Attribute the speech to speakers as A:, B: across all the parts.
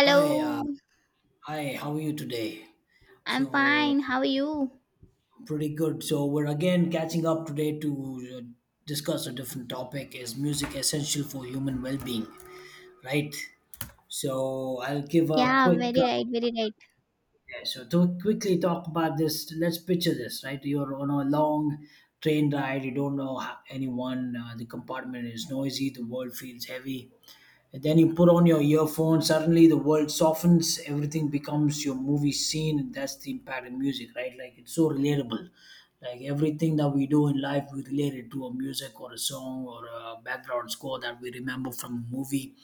A: Hi, uh, hi. How are you today?
B: I'm
A: So
B: fine. How are you?
A: pretty good. So we're again catching up today to discuss a different topic. Is music essential for human well-being? Right. So I'll give a
B: Yeah,
A: quick.
B: very
A: Uh,
B: right, very right.
A: yeah, so to quickly talk about this, let's picture this. Right, you're on a long train ride. You don't know anyone. The compartment is noisy. The world feels heavy. And then you put on your earphones, suddenly the world softens, everything becomes your movie scene. And that's the impact in music, right? Like it's so relatable. Like everything that we do in life, we relate it to a music or a song or a background score that we remember from a movie.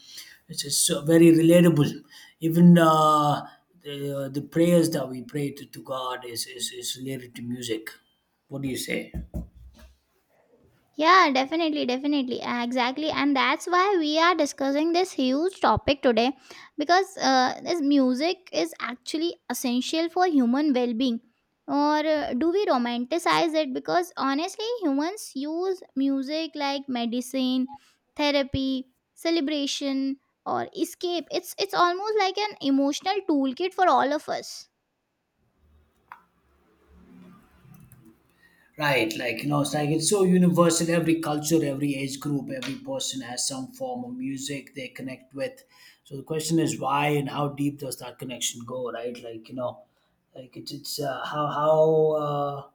A: It's just so very relatable. Even the prayers that we pray to God is related to music. What do you say?
B: Yeah, definitely, definitely. Exactly. And that's why we are discussing this huge topic today because this music is actually essential for human well being. Or do we romanticize it? Because honestly, humans use music like medicine, therapy, celebration, or escape. It's almost like an emotional toolkit for all of us.
A: Right, like you know, it's like it's so universal. Every culture, every age group, every person has some form of music they connect with. So the question is why and how deep does that connection go? Right, like you know, like it's how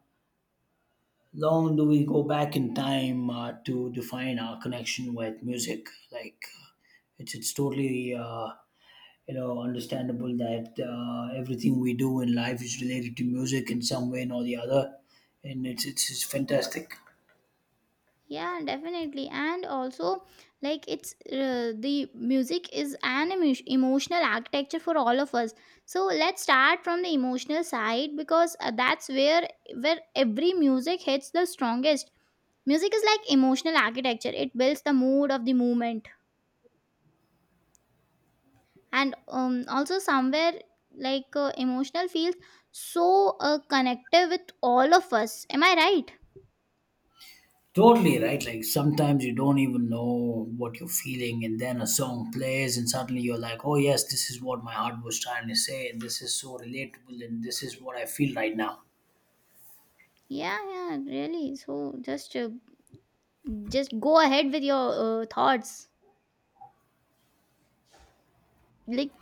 A: long do we go back in time to define our connection with music? Like it's totally you know understandable that everything we do in life is related to music in some way or the other, and it's fantastic.
B: Yeah, definitely. And also, like, it's the music is an emotional architecture for all of us. So let's start from the emotional side because that's where every music hits the strongest. Music is like emotional architecture. It builds the mood of the movement, and also somewhere like emotional feels so connected with all of us. Am I right?
A: Totally right. Like sometimes you don't even know what you're feeling, and then a song plays, and suddenly you're like, oh, yes, this is what my heart was trying to say, and this is so relatable, and this is what I feel right now.
B: Yeah, yeah, really. So just go ahead with your thoughts, like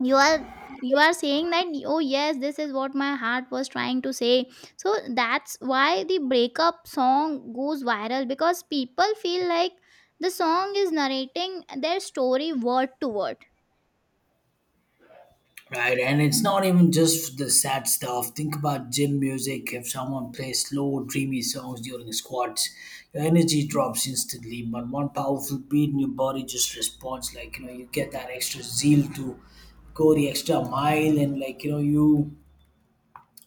B: you are saying that, "Oh yes, this is what my heart was trying to say." So that's why the breakup song goes viral, because people feel like the song is narrating their story word to word.
A: Right. And it's not even just the sad stuff. Think about gym music. If someone plays slow, dreamy songs during squats, your energy drops instantly. But one powerful beat and your body just responds like, you know, you get that extra zeal to go the extra mile and like you know you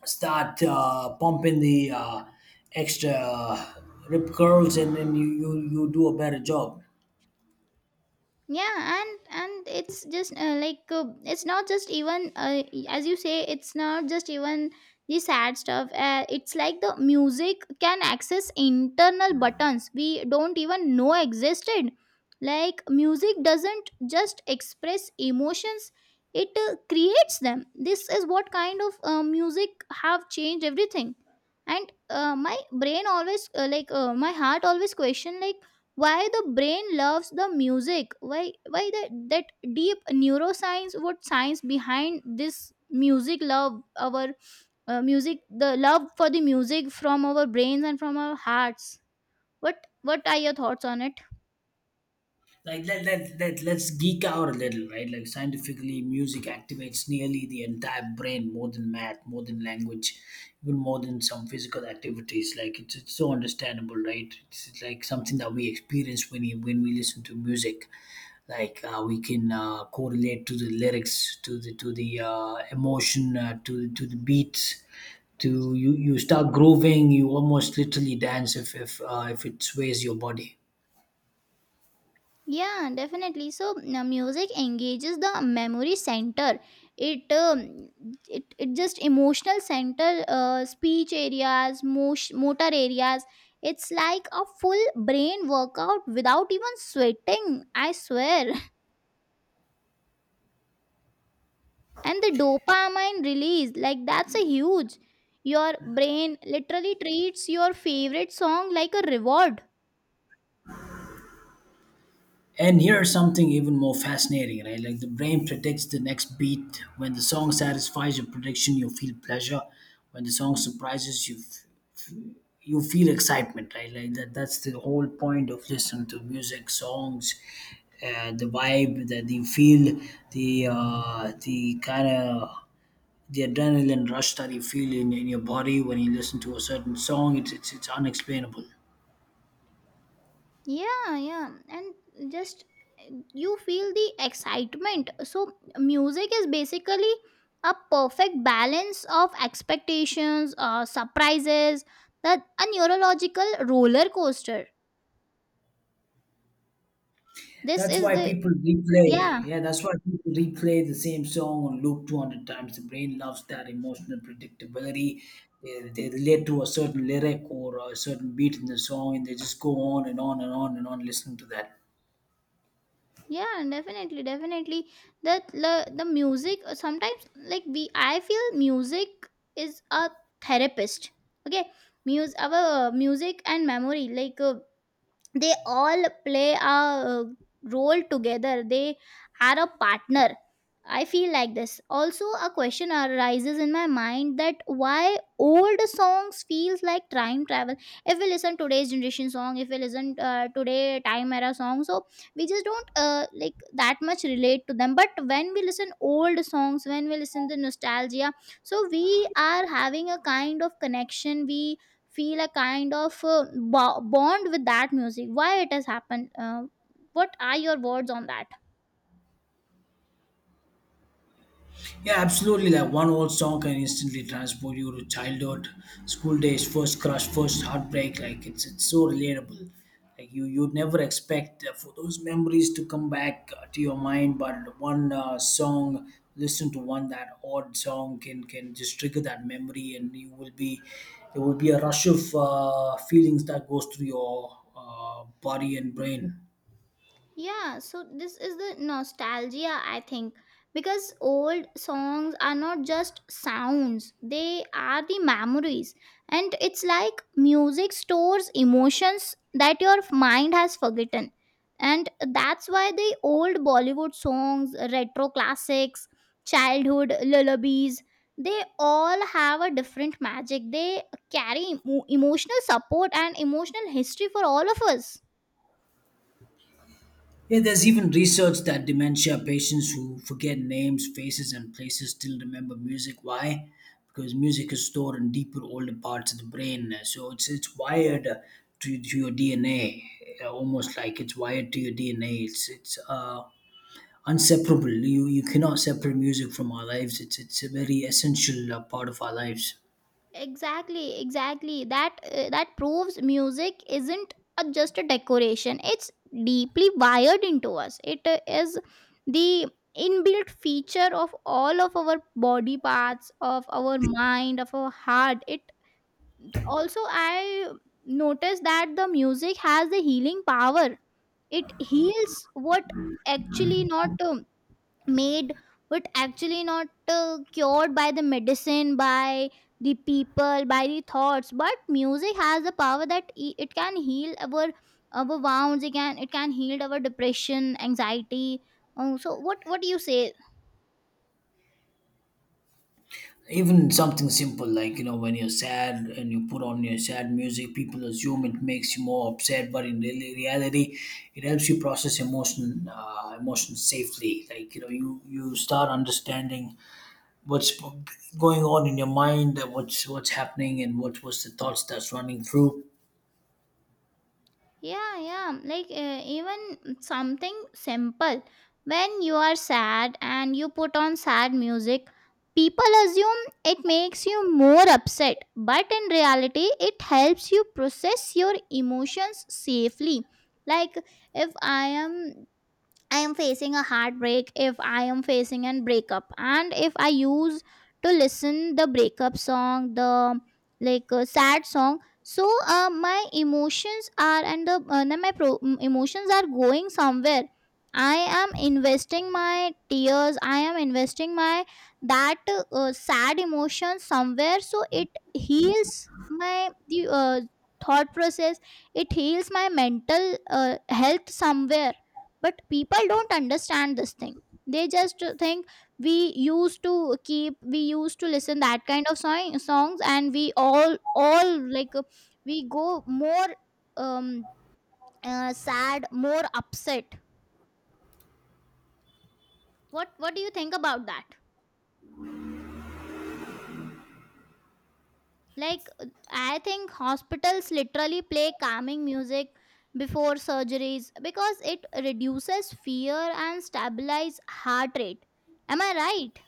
A: start pumping the extra rip curls and then you do a better job.
B: Yeah, and it's just it's not just even as you say, it's not just even the sad stuff. It's like the music can access internal buttons we don't even know existed. Like music doesn't just express emotions, it creates them. This is what kind of music have changed everything. And my brain always my heart always question, like why the brain loves the music, why that deep neuroscience, what science behind this music love our music, the love for the music from our brains and from our hearts. What are your thoughts on it?
A: Let's geek out a little, right? Like scientifically music activates nearly the entire brain, more than math, more than language, even more than some physical activities. Like it's so understandable, right? It's like something that we experience when we listen to music. Like we can correlate to the lyrics, to the emotion, to the beats. To you start grooving, you almost literally dance if it sways your body.
B: Yeah, definitely. So music engages the memory center. It just emotional center, speech areas, motion, motor areas. It's like a full brain workout without even sweating. I swear. And the dopamine release, like that's a huge. Your brain literally treats your favorite song like a reward.
A: And here's something even more fascinating, right? Like the brain predicts the next beat. When the song satisfies your prediction, you feel pleasure. When the song surprises you, you feel excitement, right? Like that. That's the whole point of listening to music, songs, the vibe that you feel, the kind of the adrenaline rush that you feel in your body when you listen to a certain song. It's unexplainable.
B: Yeah, yeah. And just you feel the excitement. So, music is basically a perfect balance of expectations, surprises, that a neurological roller coaster. This
A: That's
B: is
A: why
B: the
A: people
B: yeah,
A: replay. Yeah, that's why people replay the same song on loop 200 times. The brain loves that emotional predictability. They relate to a certain lyric or a certain beat in the song and they just go on and on and on and on listening to that.
B: yeah, definitely, definitely. That the music sometimes, like we I feel music is a therapist. Okay, music our music and memory, like they all play a role together. They are a partner. I feel like this also, a question arises in my mind that why old songs feels like time travel. If we listen today's generation song, if we listen today time era song, so we just don't like that much relate to them. But when we listen old songs, when we listen to nostalgia, so we are having a kind of connection, we feel a kind of bond with that music. Why it has happened? What are your words on that?
A: Yeah, absolutely. Like one old song can instantly transport you to childhood, school days, first crush, first heartbreak. Like it's so relatable. Like you you'd never expect for those memories to come back to your mind, but one song, listen to one that odd song can just trigger that memory, and you will be there will be a rush of feelings that goes through your body and brain.
B: Yeah, so this is the nostalgia, I think, because old songs are not just sounds, they are the memories. And it's like music stores emotions that your mind has forgotten. And that's why the old Bollywood songs, retro classics, childhood lullabies, they all have a different magic. They carry emotional support and emotional history for all of us.
A: Yeah, there's even research that dementia patients who forget names, faces, and places still remember music. Why? Because music is stored in deeper, older parts of the brain. So it's wired to your DNA, almost like it's wired to your DNA. It's inseparable. You cannot separate music from our lives. It's a very essential part of our lives.
B: Exactly, exactly. That that proves music isn't a, just a decoration. It's deeply wired into us. It is the inbuilt feature of all of our body parts, of our mind, of our heart. It also, I noticed that the music has the healing power. It heals what actually not made, but actually not cured by the medicine, by the people, by the thoughts. But music has the power that, it can heal our wounds, it can, it can heal our depression, anxiety. So what do you say?
A: Even something simple, like you know, when you're sad and you put on your sad music, people assume it makes you more upset, but in really reality it helps you process emotions safely. Like you know, you start understanding what's going on in your mind, what's happening and what was the thoughts that's running through.
B: Yeah, yeah. Like even something simple. When you are sad and you put on sad music, people assume it makes you more upset, but in reality, it helps you process your emotions safely. Like if I am facing a heartbreak, if I am facing a breakup, and if I use to listen the breakup song, the like sad song, so my emotions are and the no, my emotions are going somewhere. I am investing my tears. I am investing my that sad emotion somewhere, so it heals my the thought process. It heals my mental health somewhere, but people don't understand this thing. They just think we used to keep, we used to listen that kind of song, songs, and we all, like we go more um sad, more upset. What do you think about that? Like I think hospitals literally play calming music before surgeries because it reduces fear and stabilize heart rate. Am I right?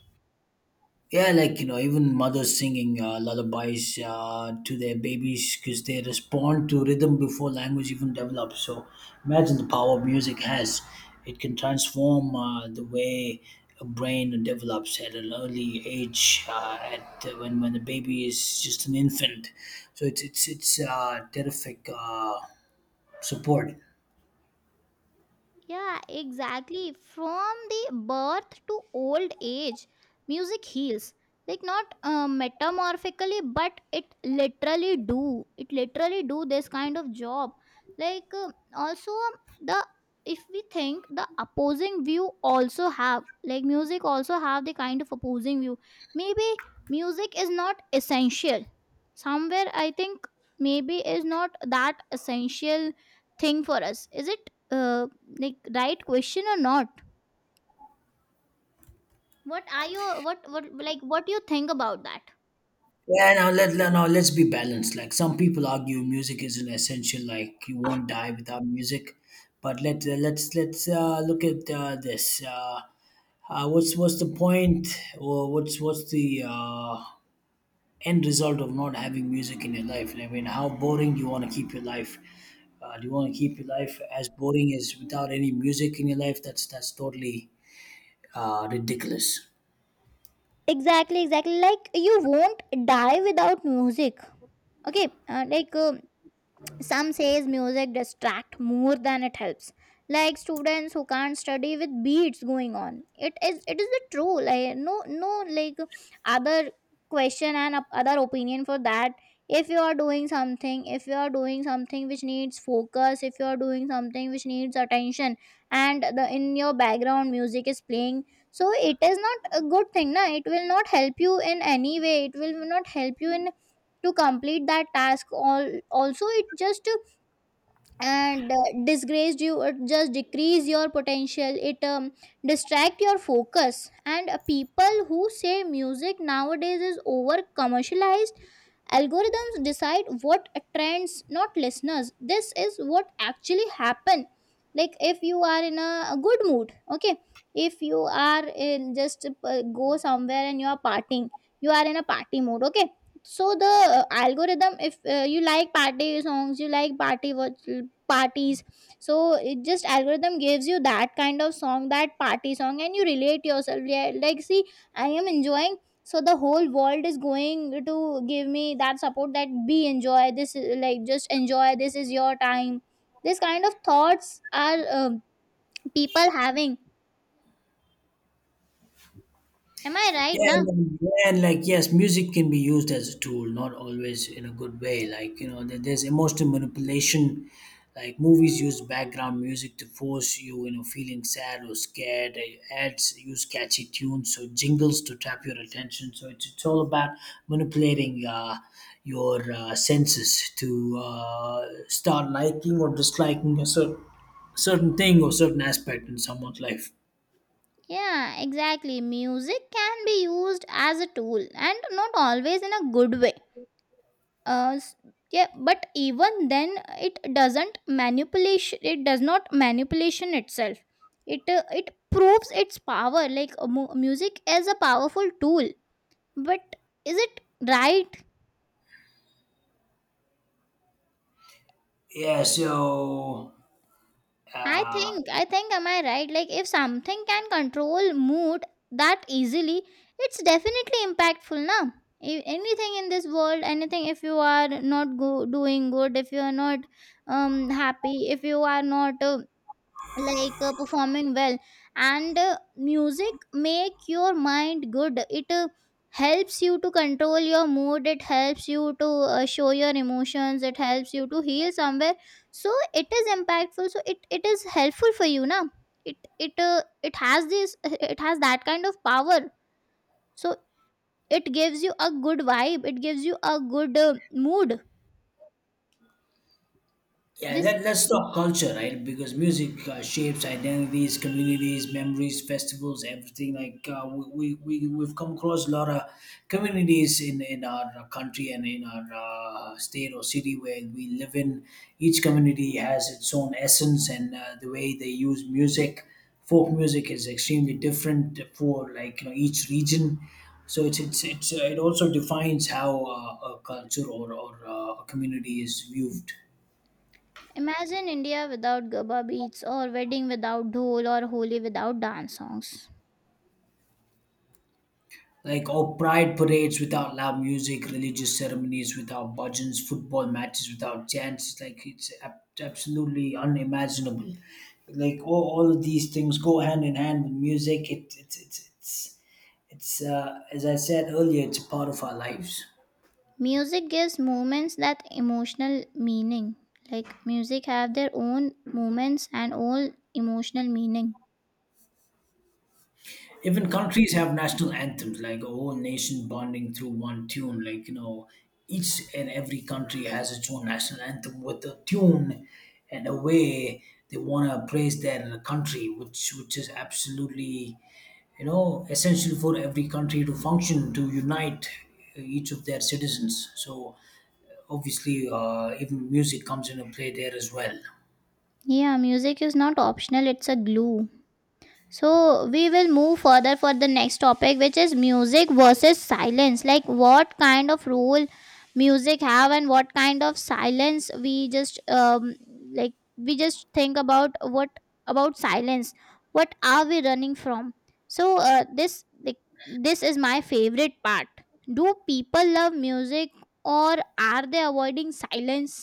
A: Yeah, like you know, even mothers singing lullabies to their babies because they respond to rhythm before language even develops. So imagine the power music has. It can transform the way a brain develops at an early age, at when the baby is just an infant. So it's terrific support.
B: Yeah, exactly. From the birth to old age, music heals. Like not metamorphically, but it literally do. It literally do this kind of job. Like also, the if we think the opposing view also have, like music also have the kind of opposing view. Maybe music is not essential. Somewhere I think maybe is not that essential thing for us. Is it? uh, like right question or not? What are your what like, what do you think about that?
A: Yeah, now now let's be balanced. Like some people argue, music isn't essential. Like you won't die without music. But let's look at this. What's the point, or what's the end result of not having music in your life? I mean, how boring do you want to keep your life? Do you want to keep your life as boring as without any music in your life? That's totally ridiculous.
B: Exactly, exactly. Like you won't die without music. Okay, some says music distract more than it helps, like students who can't study with beats going on. It is the true, like no, no, like other question and other opinion for that. If you are doing something, if you are doing something which needs focus, if you are doing something which needs attention, and the in your background music is playing, so it is not a good thing, na. It will not help you in any way, it will not help you in to complete that task all. Also it just and disgraced you, it just decrease your potential. It distract your focus. And people who say music nowadays is over commercialized, algorithms decide what trends, not listeners. This is what actually happen. Like if you are in a good mood, okay, if you are in just go somewhere and you are partying, you are in a party mood, okay. So the algorithm, if you like party songs, you like party watch, parties, so it just algorithm gives you that kind of song, that party song, and you relate yourself. Yeah, like see, I am enjoying. So the whole world is going to give me that support. That be enjoy this, like just enjoy. This is your time. This kind of thoughts are people having. Am I right
A: Yeah,
B: now?
A: and, then- yeah, and like yes, music can be used as a tool, not always in a good way. Like you know, there's emotional manipulation. Like movies use background music to force you, you know, feeling sad or scared. Ads use catchy tunes or jingles to trap your attention. So it's all about manipulating your senses to start liking or disliking a certain thing or certain aspect in someone's life.
B: Yeah, exactly. Music can be used as a tool and not always in a good way. Uh, s- yeah, but even then, it doesn't manipulation. It does not manipulation itself. It it proves its power. Like music is a powerful tool, but is it right?
A: Yeah, so uh,
B: I think, am I right? Like, if something can control mood that easily, it's definitely impactful, na? Anything in this world, anything, if you are not doing good, if you are not happy, if you are not performing well, and music make your mind good. It helps you to control your mood, it helps you to show your emotions, it helps you to heal somewhere, so it is impactful. So it is helpful for you now. It it has this, it has that kind of power. So it gives you a good vibe, it gives you a good mood.
A: Yeah,
B: This
A: let's talk culture, right? Because music shapes identities, communities, memories, festivals, everything. Like we've come across a lot of communities in our country and in our state or city where we live in. Each community has its own essence and the way they use music. Folk music is extremely different for, like you know, each region. So it's it also defines how a culture, or a community is viewed.
B: Imagine India without gabba beats, or wedding without dhol, or holi without dance songs.
A: Like, oh, pride parades without loud music, religious ceremonies without budgeons, football matches without chants. Like, it's absolutely unimaginable. Like, all of these things go hand in hand with music. It's, as I said earlier, it's a part of our lives.
B: Music gives moments that emotional meaning. Like music have their own moments and all emotional meaning.
A: Even countries have national anthems, like a whole nation bonding through one tune. Like, you know, each and every country has its own national anthem with a tune and a way they want to praise their country, which is absolutely, you know, essential for every country to function, to unite each of their citizens. So, obviously, even music comes into play there as well.
B: Yeah, music is not optional, it's a glue. So we will move further for the next topic, which is music versus silence. Like what kind of role music have, and what kind of silence we just we just think about, what about silence? What are we running from? So this like, this is my favorite part. Do people love music, or are they avoiding silence?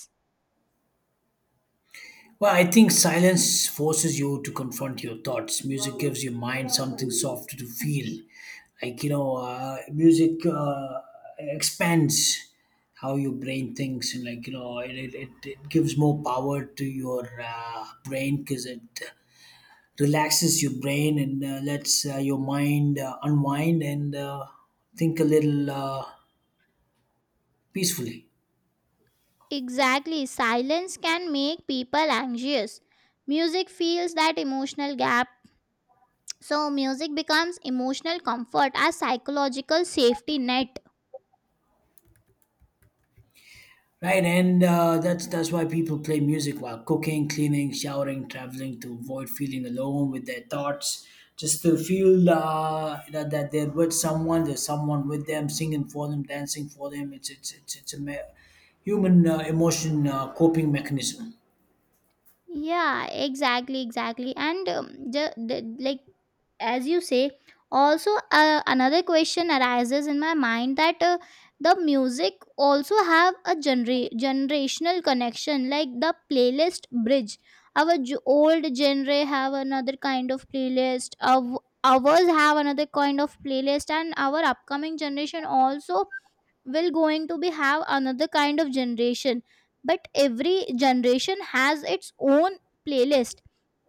A: Well, I think silence forces you to confront your thoughts. Music gives your mind something soft to feel. Like, you know, music expands how your brain thinks, and, like, you know, it gives more power to your brain because it relaxes your brain and lets your mind unwind and think a little peacefully.
B: Exactly, silence can make people anxious. Music feels that emotional gap, so music becomes emotional comfort as psychological safety net.
A: Right, and that's why people play music while cooking, cleaning, showering, traveling to avoid feeling alone with their thoughts, just to feel that they're with someone, there's someone with them, singing for them, dancing for them. It's a human emotion coping mechanism.
B: Yeah, exactly, exactly. And ju- the, like as you say, also another question arises in my mind that the music also have a generational connection, like the playlist bridge. Our old genre have another kind of playlist. Ours have another kind of playlist, and our upcoming generation also will going to be have another kind of generation. But every generation has its own playlist.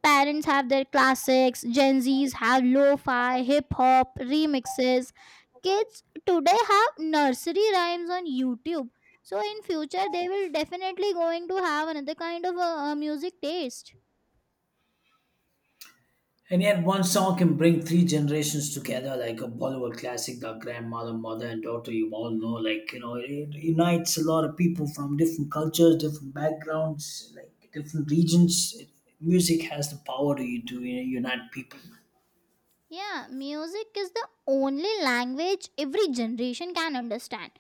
B: Parents have their classics, gen z's have lo-fi hip-hop remixes, kids today have nursery rhymes on YouTube. So in future they will definitely going to have another kind of music taste.
A: And yet, one song can bring three generations together, like a Bollywood classic, The Grandmother, Mother, and Daughter, you all know. Like, you know, it unites a lot of people from different cultures, different backgrounds, like different regions. It, music has the power to you know, unite people.
B: Yeah, music is the only language every generation can understand.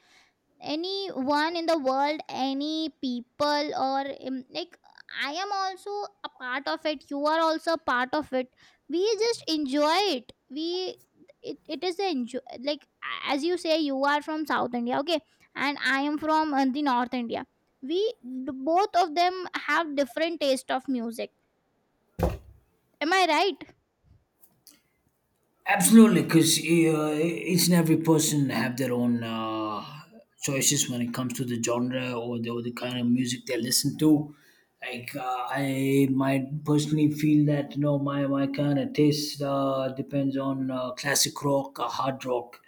B: Anyone in the world, any people, or like, I am also a part of it, you are also a part of it. We just enjoy it. It is the enjoy. As you say, you are from south India, okay, and I am from the north India. We both of them have different taste of music. Am I right?
A: Absolutely, because each and every person have their own choices when it comes to the genre or the kind of music they listen to. Like I might personally feel that you know my kind of taste depends on classic rock or hard rock,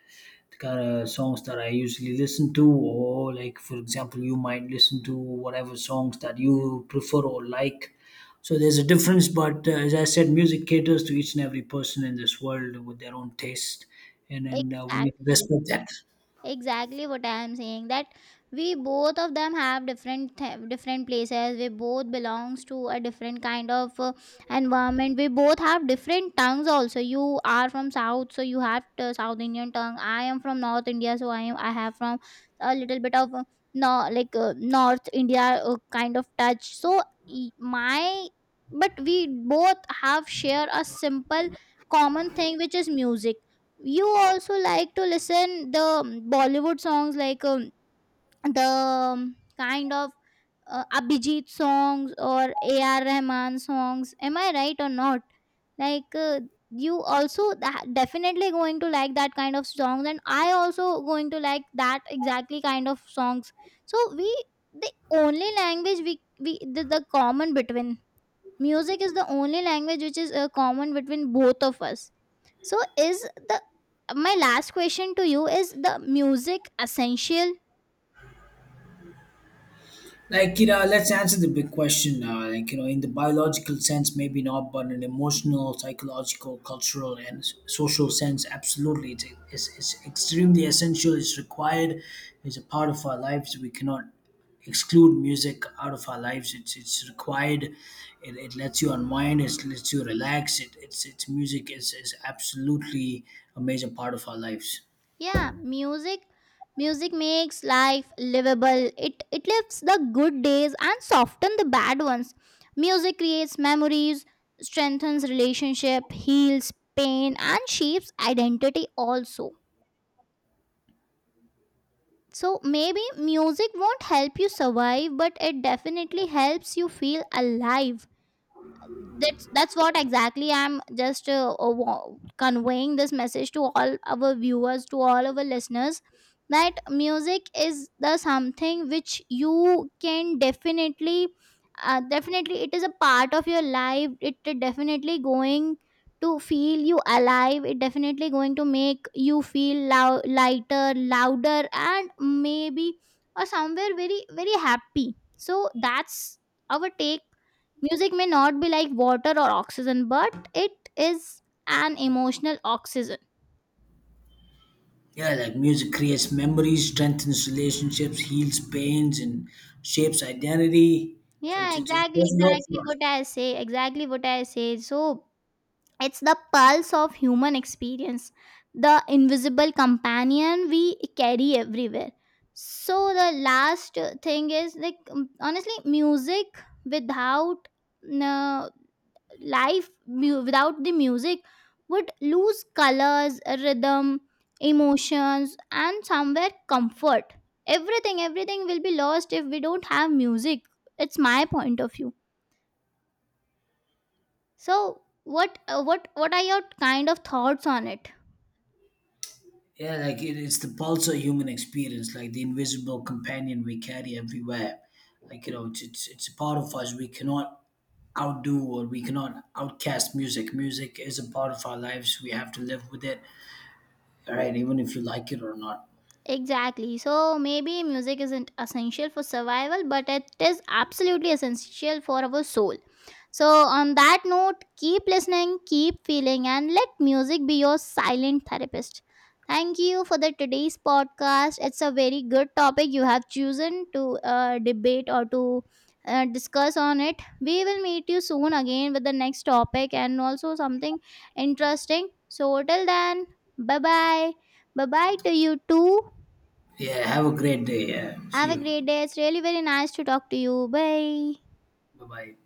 A: the kind of songs that I usually listen to, or like for example, you might listen to whatever songs that you prefer or like, so there's a difference, but as I said, music caters to each and every person in this world with their own taste, and we need to
B: Exactly,
A: respect that.
B: exactly what I am saying, that we both of them have different different places. We both belongs to a different kind of environment. We both have different tongues also. You are from south, so you have south indian tongue. I am from north India, so I have from a little bit of no like north India kind of touch. So e- my but we both have share a simple common thing, which is music. You also like to listen the bollywood songs, like the kind of abhijit songs or ar rahman songs. Am I right or not? like uh, you also definitely going to like that kind of songs, and I also going to like that exactly kind of songs. So we the only language we the common between music is the only language which is common between both of us. So is the my last question to you is: the music essential?
A: Like you know, let's answer the big question. Like you know, in the biological sense, maybe not, but in emotional, psychological, cultural, and social sense, absolutely, it's extremely essential. It's required. It's a part of our lives. We cannot exclude music out of our lives. It's required. It lets you unwind. It lets you relax. It's, music is absolutely a major part of our lives.
B: Yeah, music makes life livable. It lifts the good days and soften the bad ones. Music creates memories, strengthens relationship, heals pain and shapes identity also. So maybe music won't help you survive, but it definitely helps you feel alive. That's what exactly I'm just conveying this message to all our viewers, to all our listeners, that music is the something which you can definitely definitely it is a part of your life. It definitely going to feel you alive. It definitely going to make you feel lighter, louder, and maybe or somewhere very very happy. So that's our take. Music may not be like water or oxygen, but it is an emotional oxygen.
A: Yeah, like music creates memories, strengthens relationships, heals pains, and shapes identity. So
B: Yeah,
A: it
B: exactly,
A: does a lot
B: exactly
A: for us.
B: what I say, exactly what I say. So it's the pulse of human experience, the invisible companion we carry everywhere. So the last thing is, like, honestly, music without no life without the music would lose colors, rhythm, emotions, and somewhere comfort. Everything will be lost if we don't have music. It's my point of view. So what are your kind of thoughts on it?
A: Yeah, like it's the pulse of human experience, like the invisible companion we carry everywhere. Like you know, it's a part of us. We cannot outdo, or we cannot outcast music. Music is a part of our lives. We have to live with it. All right, even if you like it or not.
B: Exactly. So maybe music isn't essential for survival, but it is absolutely essential for our soul. So, on that note, keep listening, keep feeling, and let music be your silent therapist. Thank you for the today's podcast. It's a very good topic you have chosen to debate or to discuss on it. We will meet you soon again with the next topic and also something interesting. So, till then, bye bye. Bye bye to you too.
A: Yeah, have a great day. Yeah, see
B: Have a
A: you.
B: great day. It's really very nice to talk to you. Bye.
A: Bye bye.